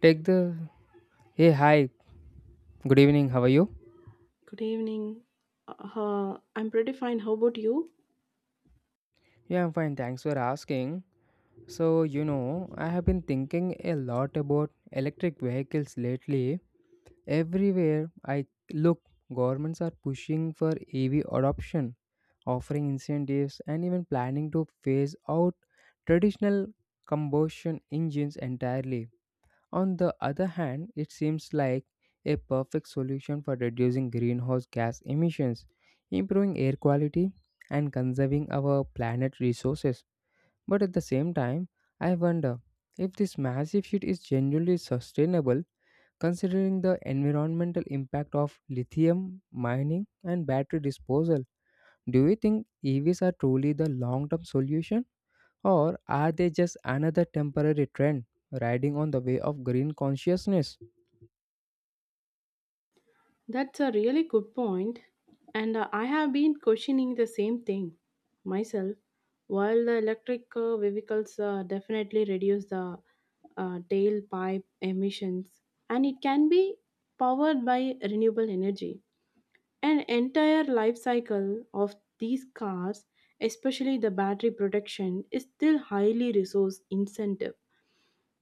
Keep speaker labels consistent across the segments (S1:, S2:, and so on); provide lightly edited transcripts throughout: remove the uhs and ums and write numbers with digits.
S1: Take the Hey, hi. Good evening. How are you?
S2: Good evening. I'm pretty fine. How about you?
S1: Yeah, I'm fine. Thanks for asking. So, I have been thinking a lot about electric vehicles lately. Everywhere I look, governments are pushing for EV adoption, offering incentives, and even planning to phase out traditional combustion engines entirely. On the other hand, it seems like a perfect solution for reducing greenhouse gas emissions, improving air quality, and conserving our planet resources. But at the same time, I wonder if this massive shift is genuinely sustainable considering the environmental impact of lithium mining and battery disposal. Do you think EVs are truly the long term solution, or are they just another temporary trend riding on the way of green consciousness?
S2: That's a really good point. And I have been questioning the same thing myself. While the electric vehicles definitely reduce the tailpipe emissions, and it can be powered by renewable energy. An entire life cycle of these cars, especially the battery protection, is still highly resource intensive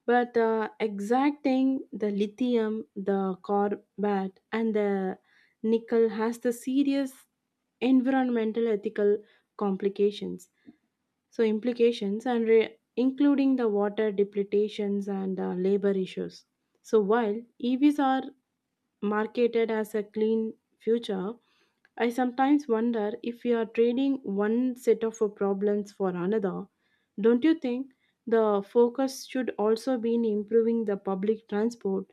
S2: but exacting the lithium, the cobalt, and the nickel has the serious environmental ethical complications. So implications and including the water depletions and labor issues. So while EVs are marketed as a clean future, I sometimes wonder if we are trading one set of problems for another. Don't you think the focus should also be in improving the public transport,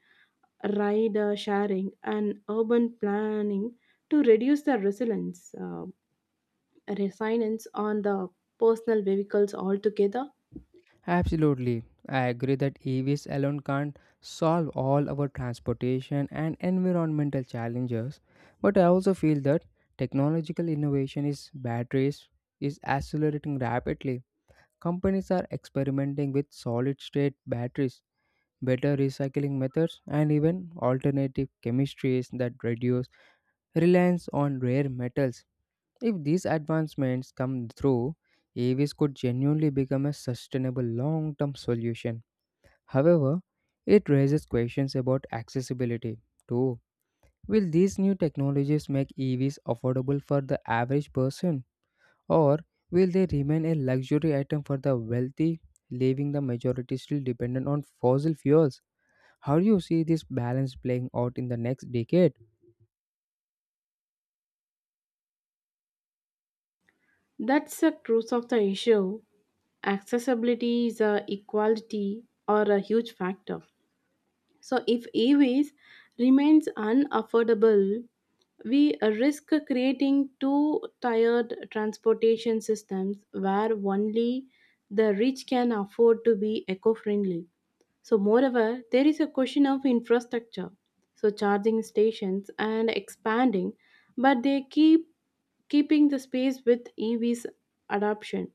S2: rider sharing, and urban planning to reduce the resilience on the personal vehicles altogether?
S1: Absolutely. I agree that EVs alone can't solve all our transportation and environmental challenges, but I also feel that technological innovation is batteries is accelerating rapidly. Companies are experimenting with solid state batteries, better recycling methods, and even alternative chemistries that reduce reliance on rare metals. If these advancements come through, EVs could genuinely become a sustainable long term solution. However, it raises questions about accessibility too. Will these new technologies make EVs affordable for the average person, or will they remain a luxury item for the wealthy, leaving the majority still dependent on fossil fuels? How do you see this balance playing out in the next decade?
S2: That's the truth of the issue. Accessibility is a equality or a huge factor. So, if EVs remains unaffordable, we risk creating two tiered transportation systems where only the rich can afford to be eco-friendly. So, moreover, there is a question of infrastructure. So, charging stations and expanding, but they keep keeping the space with EVs adoption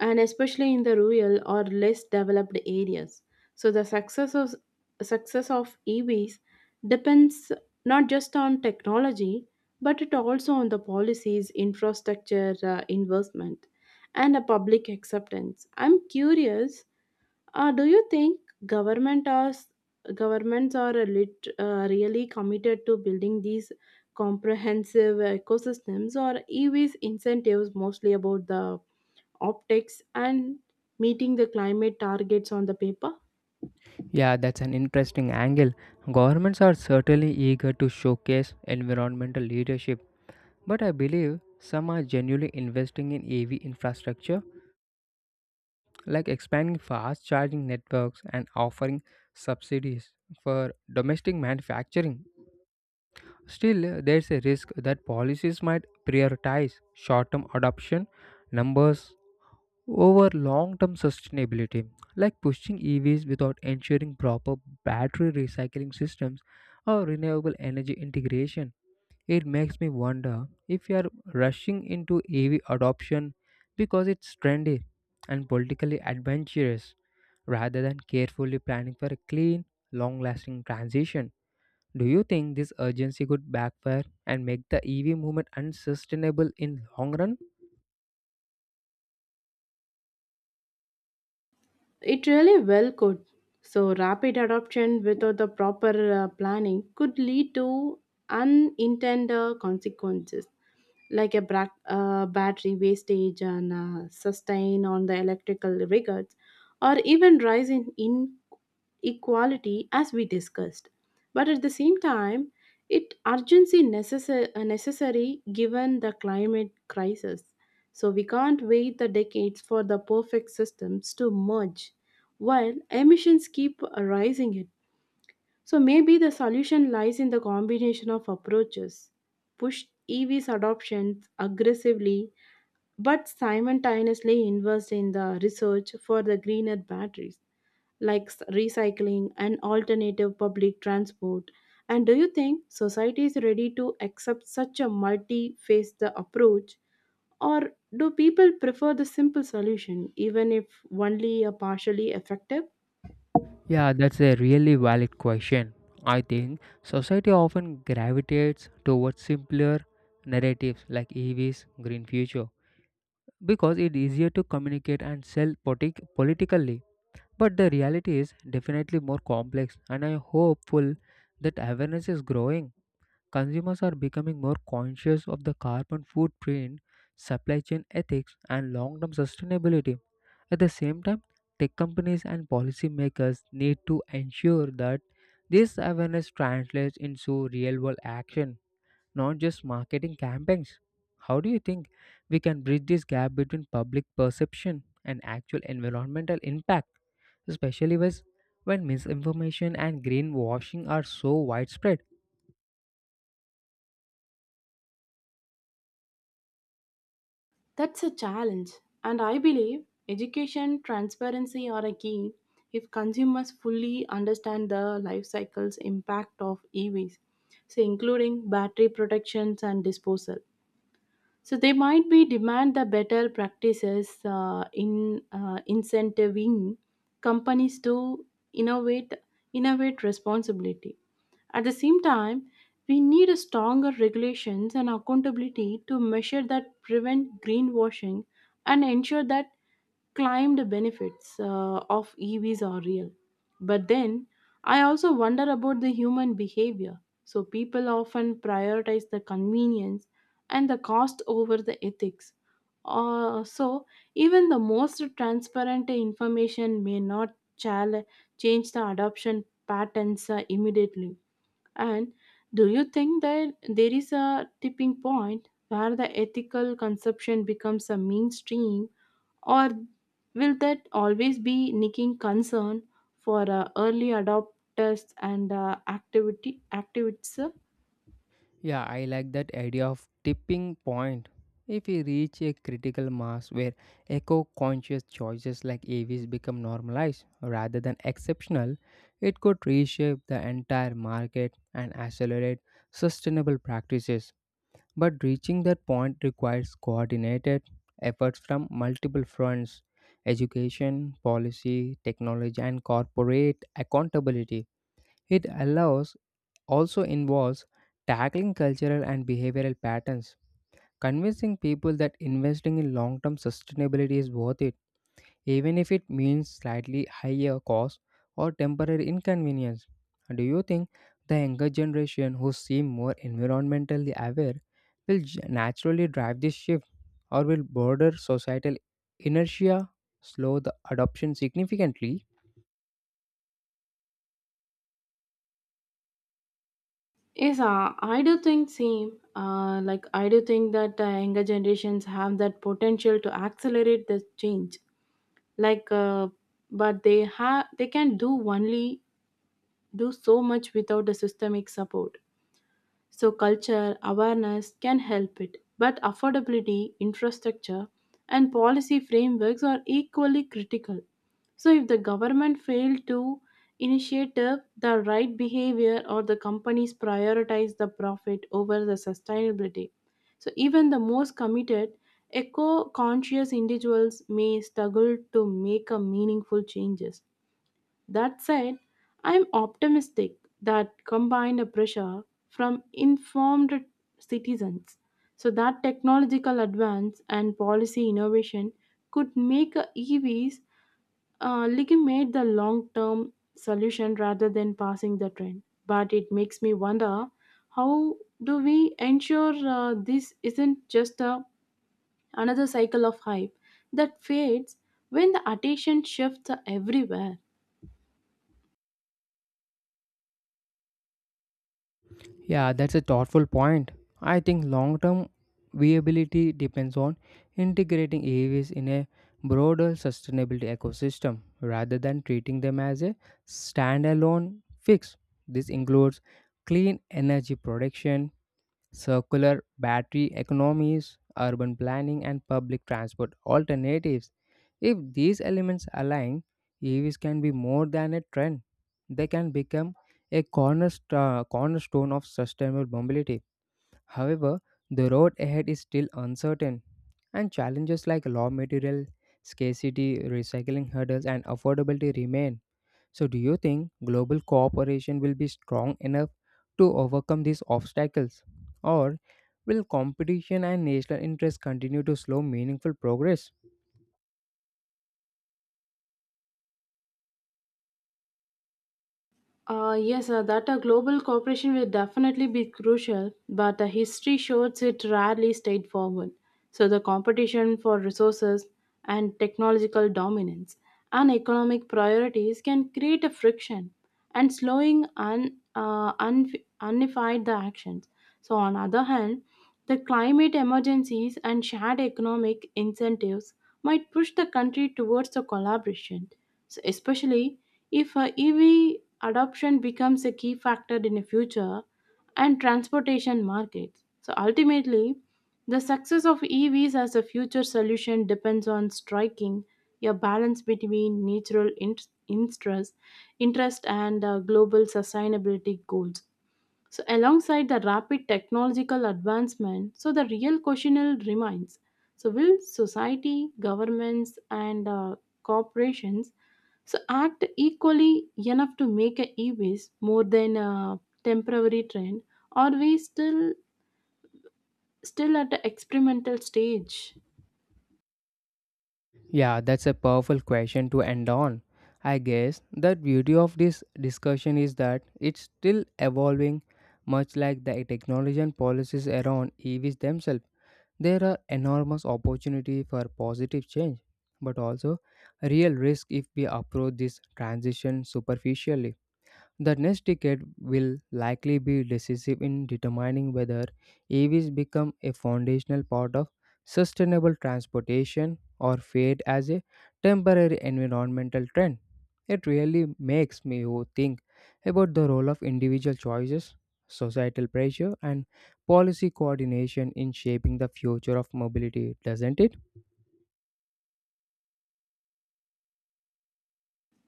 S2: and especially in the rural or less developed areas. So the success of EVs depends not just on technology, but it also on the policies, infrastructure investment, and a public acceptance. I'm curious do you think government or s- governments are really committed to building these comprehensive ecosystems, or EV's incentives mostly about the optics and meeting the climate targets on the paper?
S1: Yeah, that's an interesting angle. Governments are certainly eager to showcase environmental leadership, but I believe some are genuinely investing in EV infrastructure, like expanding fast charging networks and offering subsidies for domestic manufacturing. Still, there's a risk that policies might prioritize short term adoption numbers over long term sustainability, like pushing EVs without ensuring proper battery recycling systems or renewable energy integration. It makes me wonder if we are rushing into EV adoption because it's trendy and politically adventurous rather than carefully planning for a clean, long lasting transition. Do you think this urgency could backfire and make the EV movement unsustainable in long run?
S2: It really well could. So, rapid adoption without the proper planning could lead to unintended consequences. Like a battery wastage and sustain on the electrical records, or even rise in inequality as we discussed. But at the same time, it urgency necessary, given the climate crisis. So we can't wait the decades for the perfect systems to merge while emissions keep rising, so maybe the solution lies in the combination of approaches. Push EVs adoption aggressively but simultaneously invest in the research for the greener batteries like recycling and alternative public transport. And do you think society is ready to accept such a multi-faced approach or do people prefer the simple solution even if only a partially effective?
S1: Yeah, that's a really valid question. I think society often gravitates towards simpler narratives like EVs, green future, because it is easier to communicate and sell politically. But the reality is definitely more complex, and I hopeful that awareness is growing. Consumers are becoming more conscious of the carbon footprint, supply chain ethics, and long-term sustainability. At the same time, tech companies and policymakers need to ensure that this awareness translates into real-world action, not just marketing campaigns. How do you think we can bridge this gap between public perception and actual environmental impact, especially when misinformation and greenwashing are so widespread?
S2: That's a challenge, and I believe education transparency are a key if consumers fully understand the life cycles impact of EVs, so including battery protections and disposal. So they might be demand the better practices in incentivizing companies to innovate innovate responsibility. At the same time, we need a stronger regulations and accountability to measure that prevent greenwashing and ensure that claimed benefits of EVs are real. But then I also wonder about the human behavior. So people often prioritize the convenience and the cost over the ethics. So even the most transparent information may not chal- change the adoption patterns immediately. And do you think that there is a tipping point where the ethical conception becomes a mainstream or will that always be nicking concern for early adopters and activity activists? Uh?
S1: Yeah, I like that idea of tipping point. If we reach a critical mass where eco conscious choices like AVs become normalized rather than exceptional, it could reshape the entire market and accelerate sustainable practices. But reaching that point requires coordinated efforts from multiple fronts: education, policy, technology, and corporate accountability. It allows also involves tackling cultural and behavioral patterns, convincing people that investing in long term sustainability is worth it even if it means slightly higher cost or temporary inconvenience. Do you think the younger generation who seem more environmentally aware will naturally drive this shift, or will broader societal inertia slow the adoption significantly?
S2: Yes, I do think same. Like I do think that younger generations have that potential to accelerate this change. Like, uh, but they can do only do so much without the systemic support. So, culture awareness can help it, but affordability, infrastructure, and policy frameworks are equally critical. So, if the government fails to initiate the right behavior or the companies prioritize the profit over the sustainability, so even the most committed, eco conscious individuals may struggle to make a meaningful changes. That said, I am optimistic that combined a pressure from informed citizens so that technological advance and policy innovation could make EVs legitimate the long-term solution rather than passing the trend. But it makes me wonder how do we ensure this isn't just another cycle of hype that fades when the attention shifts everywhere?
S1: Yeah, that's a thoughtful point. I think long term viability depends on integrating AAVs in a broader sustainability ecosystem rather than treating them as a standalone fix. This includes clean energy production, circular battery economies, urban planning, and public transport alternatives. If these elements align, EVs can be more than a trend. They can become a cornerstone of sustainable mobility. However, the road ahead is still uncertain, and challenges like raw material scarcity, recycling hurdles, and affordability remain. So, do you think global cooperation will be strong enough to overcome these obstacles? Or will competition and national interests continue to slow meaningful progress?
S2: Yes, that a global cooperation will definitely be crucial, but history shows it rarely stayed forward. So the competition for resources and technological dominance and economic priorities can create a friction and slowing unified the actions. So on other hand, the climate emergencies and shared economic incentives might push the country towards a collaboration, so especially if EV adoption becomes a key factor in the future and transportation markets. So ultimately, the success of EVs as a future solution depends on striking a balance between natural interest, interest, and global sustainability goals. So, alongside the rapid technological advancement, so the real question will remains: so will society, governments, and corporations so act equally enough to make a e-waste more than a temporary trend, or we still at the experimental stage?
S1: Yeah, that's a powerful question to end on. I guess the beauty of this discussion is that it's still evolving, much like the technology and policies around EVs themselves. There are enormous opportunity for positive change, but also real risk if we approach this transition superficially. The next decade will likely be decisive in determining whether EVs become a foundational part of sustainable transportation or fade as a temporary environmental trend. It really makes me think about the role of individual choices, societal pressure, and policy coordination in shaping the future of mobility, doesn't it?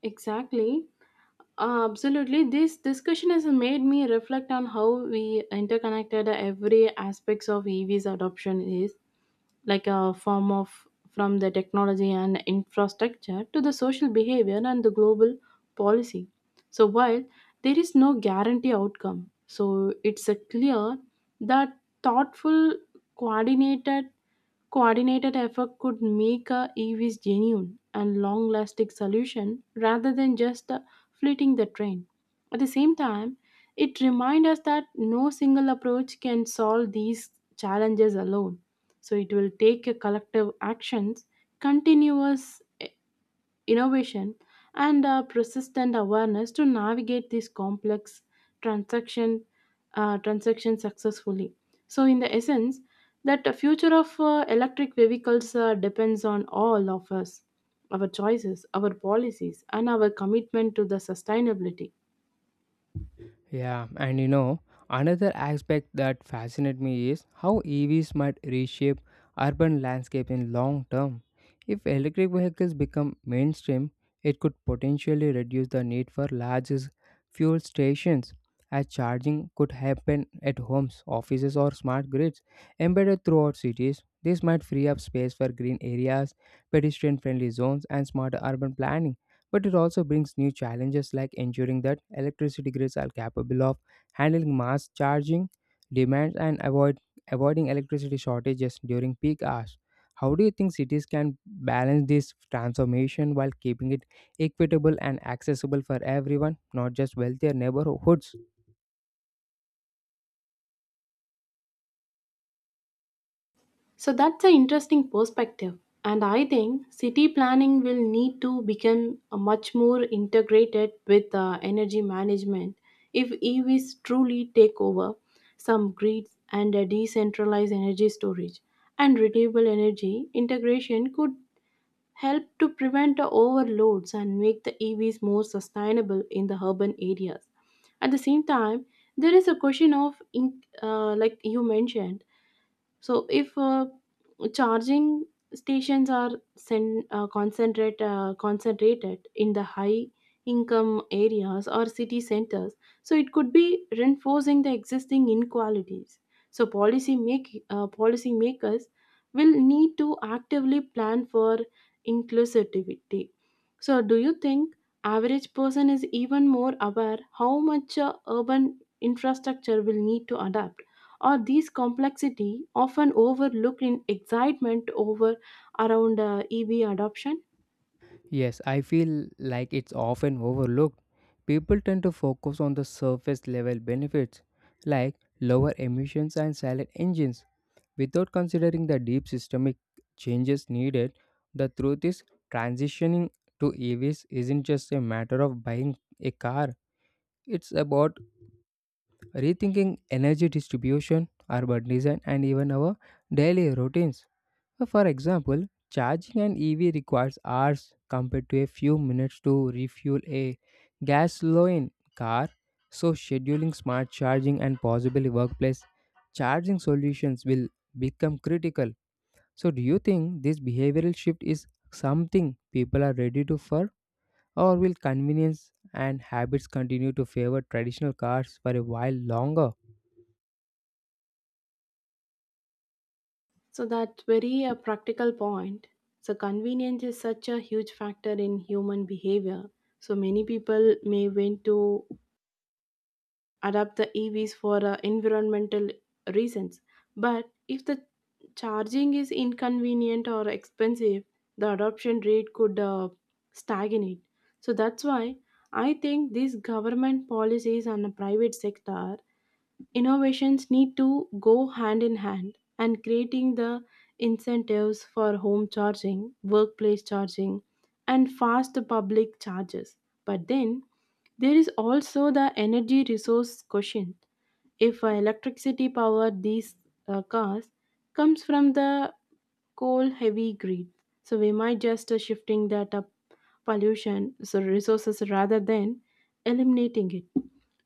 S2: Exactly. Absolutely this discussion has made me reflect on how we interconnected every aspects of ev's adoption is like a form of from the technology and infrastructure to the social behavior and the global policy. So while there is no guarantee outcome, so it's a clear that thoughtful coordinated coordinated effort could make a evs genuine and long lasting solution rather than just fleeting the trend. At the same time, it reminds us that no single approach can solve these challenges alone, so it will take a collective actions continuous innovation and persistent awareness to navigate this complex transaction transaction successfully. So in the essence that the future of electric vehicles depends on all of us, our choices, our policies, and our commitment to the sustainability.
S1: Yeah, and you know, another aspect that fascinates me is how EVs might reshape urban landscape in long term. If electric vehicles become mainstream, it could potentially reduce the need for large fuel stations, as charging could happen at homes, offices, or smart grids embedded throughout cities. This might free up space for green areas, pedestrian friendly zones, and smarter urban planning. But it also brings new challenges, like ensuring that electricity grids are capable of handling mass charging demands and avoiding electricity shortages during peak hours. How do you think cities can balance this transformation while keeping it equitable and accessible for everyone, not just wealthier neighborhoods?
S2: So that's an interesting perspective. And I think city planning will need to become a much more integrated with energy management if EVs truly take over some grids and a decentralized energy storage and renewable energy integration could help to prevent the overloads and make the EVs more sustainable in the urban areas. At the same time, there is a question of, like you mentioned, so if charging stations are concentrated in the high income areas or city centers, so it could be reinforcing the existing inequalities. So policy makers will need to actively plan for inclusivity. So do you think average person is even more aware how much urban infrastructure will need to adapt? Or these complexity often overlooked in excitement over around EV adoption.
S1: Yes, I feel like it's often overlooked. People tend to focus on the surface level benefits like lower emissions and silent engines without considering the deep systemic changes needed. The truth is, transitioning to EVs isn't just a matter of buying a car. It's about rethinking energy distribution, urban design, and even our daily routines. For example, charging an EV requires hours compared to a few minutes to refuel a gasoline car. So, scheduling smart charging and possibly workplace charging solutions will become critical. So, do you think this behavioral shift is something people are ready to for, or will convenience and habits continue to favor traditional cars for a while longer?
S2: So that very practical point. So convenience is such a huge factor in human behavior. So many people may want to adopt the EVs for environmental reasons, but if the charging is inconvenient or expensive, the adoption rate could stagnate. So that's why I think these government policies and the private sector innovations need to go hand in hand and creating the incentives for home charging, workplace charging, and fast public charges. But then there is also the energy resource question. If electricity power these cars comes from the coal heavy grid. So we might just shifting that up pollution so resources rather than eliminating it.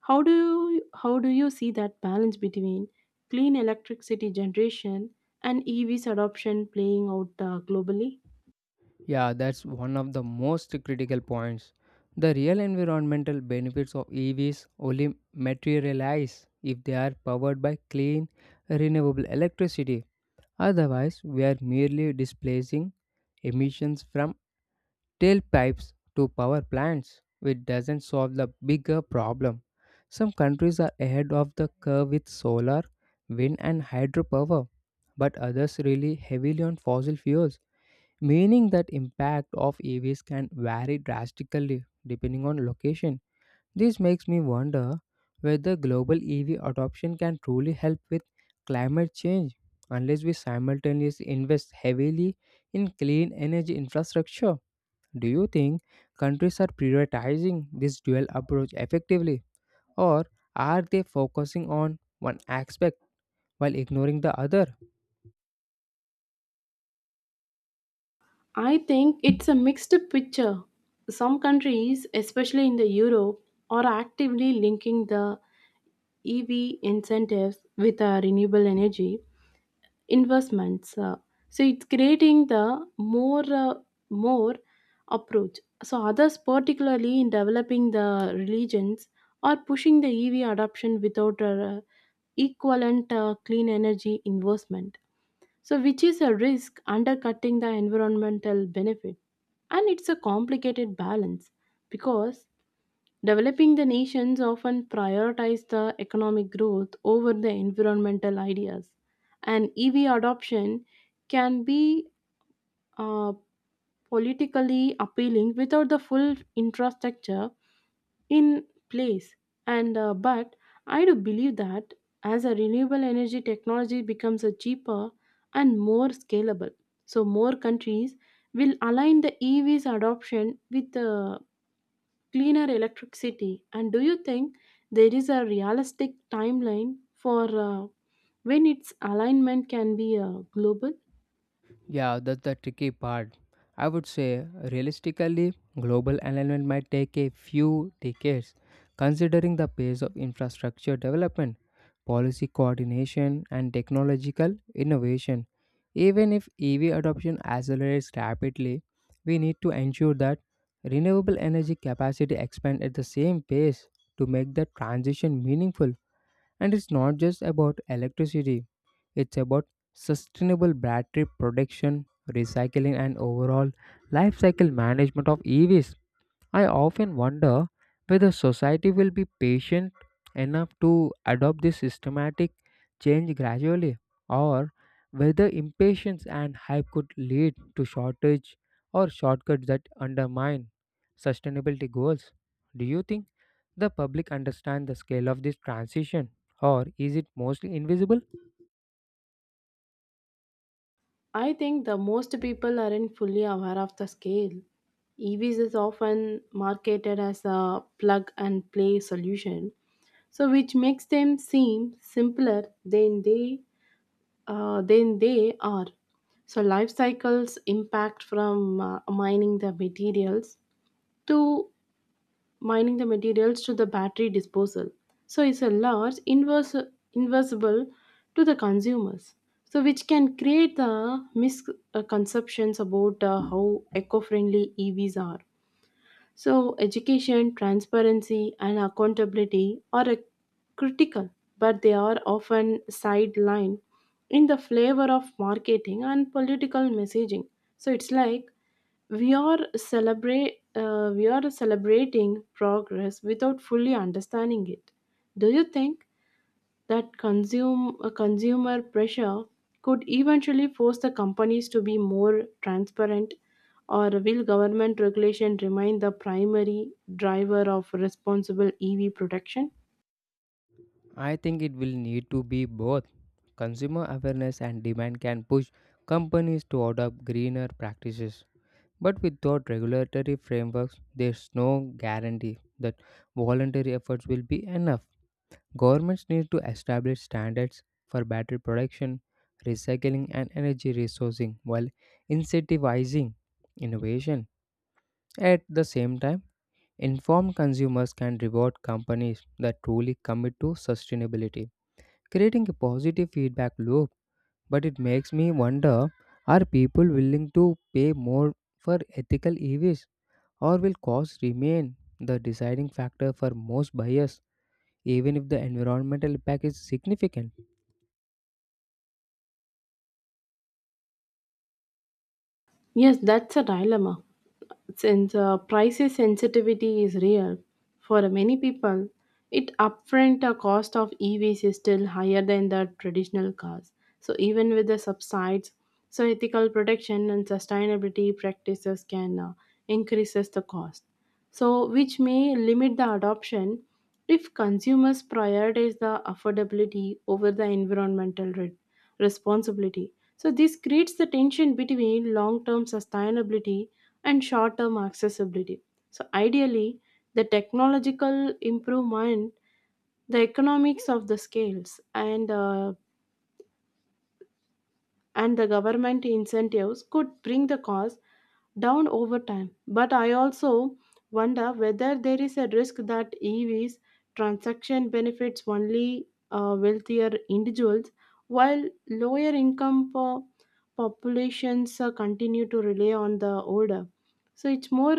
S2: How do you see that balance between clean electricity generation and EVs adoption playing out globally?
S1: Yeah, that's one of the most critical points. The real environmental benefits of EVs only materialize if they are powered by clean, renewable electricity. Otherwise, we are merely displacing emissions from tailpipes to power plants, which doesn't solve the bigger problem. Some countries are ahead of the curve with solar, wind, and hydropower, but others rely heavily on fossil fuels, meaning that impact of EVs can vary drastically depending on location. This makes me wonder whether global EV adoption can truly help with climate change unless we simultaneously invest heavily in clean energy infrastructure. Do you think countries are prioritizing this dual approach effectively, or are they focusing on one aspect while ignoring the other?
S2: I think it's a mixed picture. Some countries, especially in the Europe, are actively linking the EV incentives with renewable energy investments. So it's creating the more more approach. So others, particularly in developing the religions, are pushing the EV adoption without equivalent clean energy investment. So which is a risk undercutting the environmental benefit, and it's a complicated balance because developing the nations often prioritize the economic growth over the environmental ideas, and EV adoption can be uh, politically appealing without the full infrastructure in place. And but I do believe that as a renewable energy technology becomes a cheaper and more scalable, so more countries will align the EVs adoption with the cleaner electricity. And do you think there is a realistic timeline for when its alignment can be global?
S1: Yeah, that's the tricky part. I would say, realistically, global alignment might take a few decades, considering the pace of infrastructure development, policy coordination, and technological innovation. Even if EV adoption accelerates rapidly, we need to ensure that renewable energy capacity expands at the same pace to make the transition meaningful. And it's not just about electricity, it's about sustainable battery production, recycling, and overall life cycle management of EVs. I often wonder whether society will be patient enough to adopt this systematic change gradually, or whether impatience and hype could lead to shortage or shortcuts that undermine sustainability goals. Do you think the public understand the scale of this transition, or is it mostly invisible?
S2: I think the most people aren't fully aware of the scale. EVs is often marketed as a plug and play solution, so which makes them seem simpler than they are. So life cycles impact from to mining the materials to the battery disposal. So it's a large inverse inversible to the consumers. So which can create the misconceptions about how eco-friendly EVs are. So, education, transparency, and accountability are a critical, but they are often sidelined in the flavor of marketing and political messaging. So, it's like we are celebrating progress without fully understanding it. Do you think that consumer pressure could eventually force the companies to be more transparent, or will government regulation remain the primary driver of responsible EV production?
S1: I think it will need to be both. Consumer awareness and demand can push companies to adopt greener practices, but without regulatory frameworks, there's no guarantee that voluntary efforts will be enough. Governments need to establish standards for battery production, recycling, and energy resourcing while incentivizing innovation. At the same time, informed consumers can reward companies that truly commit to sustainability, creating a positive feedback loop. But it makes me wonder, are people willing to pay more for ethical EVs? Or will cost remain the deciding factor for most buyers, even if the environmental impact is significant?
S2: Yes, that's a dilemma, since price sensitivity is real for many people. It upfront cost of evs is still higher than the traditional cars, so even with the subsides, so ethical protection and sustainability practices can increases the cost, so which may limit the adoption if consumers prioritize the affordability over the environmental responsibility. So this creates the tension between long-term sustainability and short term accessibility. So, ideally, the technological improvement, the economics of the scales, and the government incentives could bring the cost down over time. But I also wonder whether there is a risk that EVs transaction benefits only wealthier individuals while lower income populations continue to rely on the older. So it's more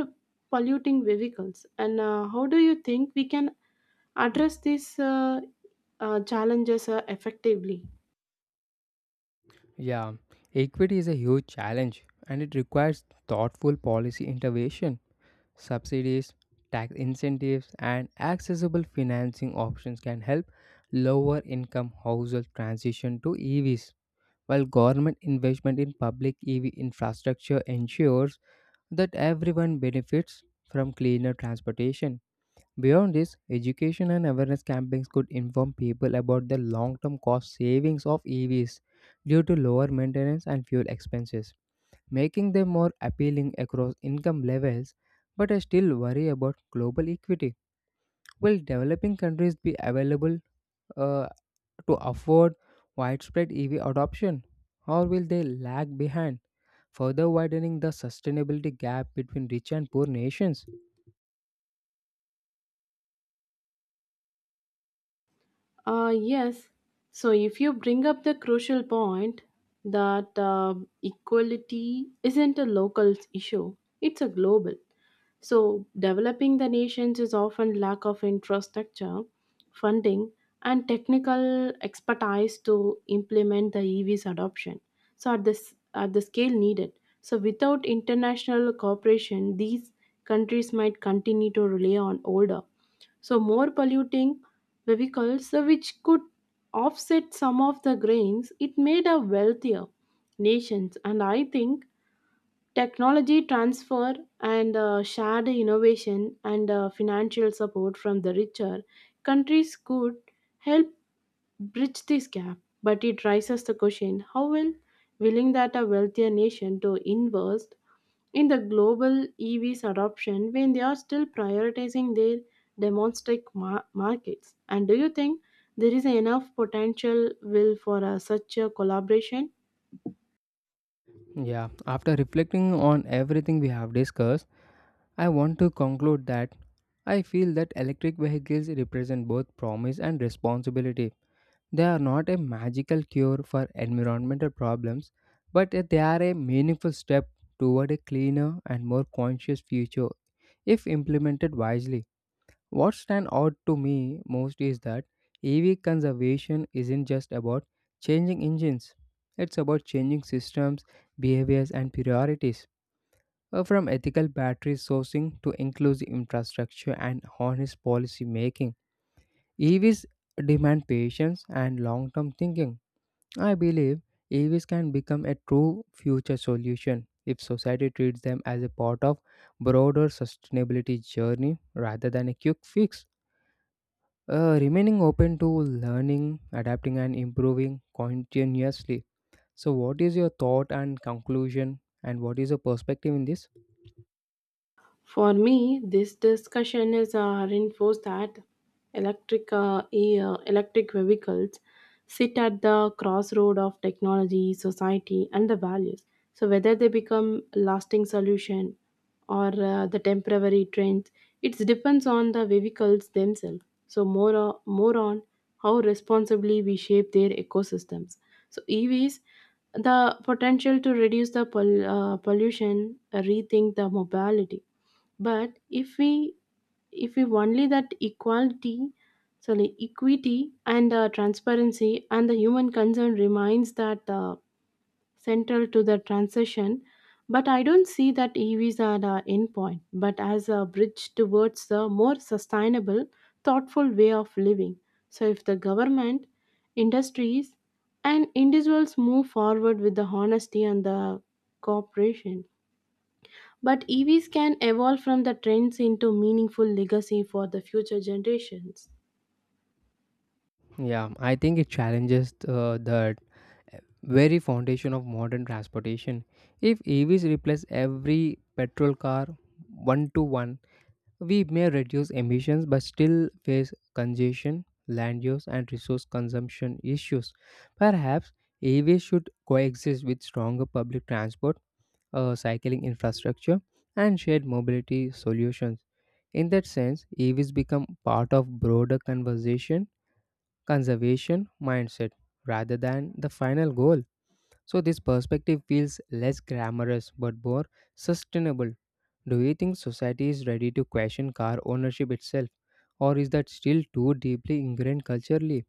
S2: polluting vehicles. And how do you think we can address these challenges effectively?
S1: Yeah, equity is a huge challenge and it requires thoughtful policy intervention. Subsidies, tax incentives, and accessible financing options can help lower income households transition to EVs, while government investment in public EV infrastructure ensures that everyone benefits from cleaner transportation. Beyond this, education and awareness campaigns could inform people about the long term cost savings of EVs due to lower maintenance and fuel expenses, making them more appealing across income levels. But I still worry about global equity. Will developing countries be available uh, to afford widespread EV adoption, or will they lag behind, further widening the sustainability gap between rich and poor nations?
S2: Uh, yes. So if you bring up the crucial point that equality isn't a local issue, it's a global. So developing the nations is often lack of infrastructure, funding, and technical expertise to implement the EV's adoption. So at this at the scale needed. So without international cooperation, these countries might continue to rely on older so more polluting vehicles which could offset some of the grains it made a wealthier nations. And I think technology transfer and shared innovation and financial support from the richer countries could help bridge this gap. But it raises the question how will willing that a wealthier nation to invest in the global EVs adoption when they are still prioritizing their domestic markets? And do you think there is enough potential will for such a collaboration?
S1: Yeah, after reflecting on everything we have discussed, I want to conclude that I feel that electric vehicles represent both promise and responsibility. They are not a magical cure for environmental problems, but they are a meaningful step toward a cleaner and more conscious future if implemented wisely. What stands out to me most is that EV conservation isn't just about changing engines, it's about changing systems, behaviors, and priorities. From ethical battery sourcing to inclusive infrastructure and honest policy making, EVs demand patience and long term thinking. I believe EVs can become a true future solution if society treats them as a part of broader sustainability journey rather than a quick fix, remaining open to learning, adapting, and improving continuously. So, what is your thought and conclusion, and what is your perspective in this?
S2: For me, this discussion has reinforced that electric vehicles sit at the crossroad of technology, society, and the values. So whether they become lasting solution or the temporary trends, it depends on the vehicles themselves. So more on how responsibly we shape their ecosystems. So EVs the potential to reduce the pollution, rethink the mobility. But if we only that equality, sorry, equity and transparency and the human concern remains that central to the transition. But I don't see that evs are the end point but as a bridge towards the more sustainable thoughtful way of living. So if the government industries and individuals move forward with the honesty and the cooperation, but EVs can evolve from the trends into meaningful legacy for the future generations.
S1: Yeah, I think it challenges the very foundation of modern transportation. If EVs replace every petrol car one to one, we may reduce emissions but still face congestion, land use, and resource consumption issues. Perhaps EVs should coexist with stronger public transport, cycling infrastructure, and shared mobility solutions. In that sense, EVs become part of broader conversation conservation mindset rather than the final goal. So, this perspective feels less glamorous but more sustainable. Do you think society is ready to question car ownership itself, or is that still too deeply ingrained culturally?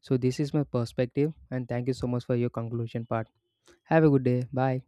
S1: So, this is my perspective, and thank you so much for your conclusion part. Have a good day. Bye.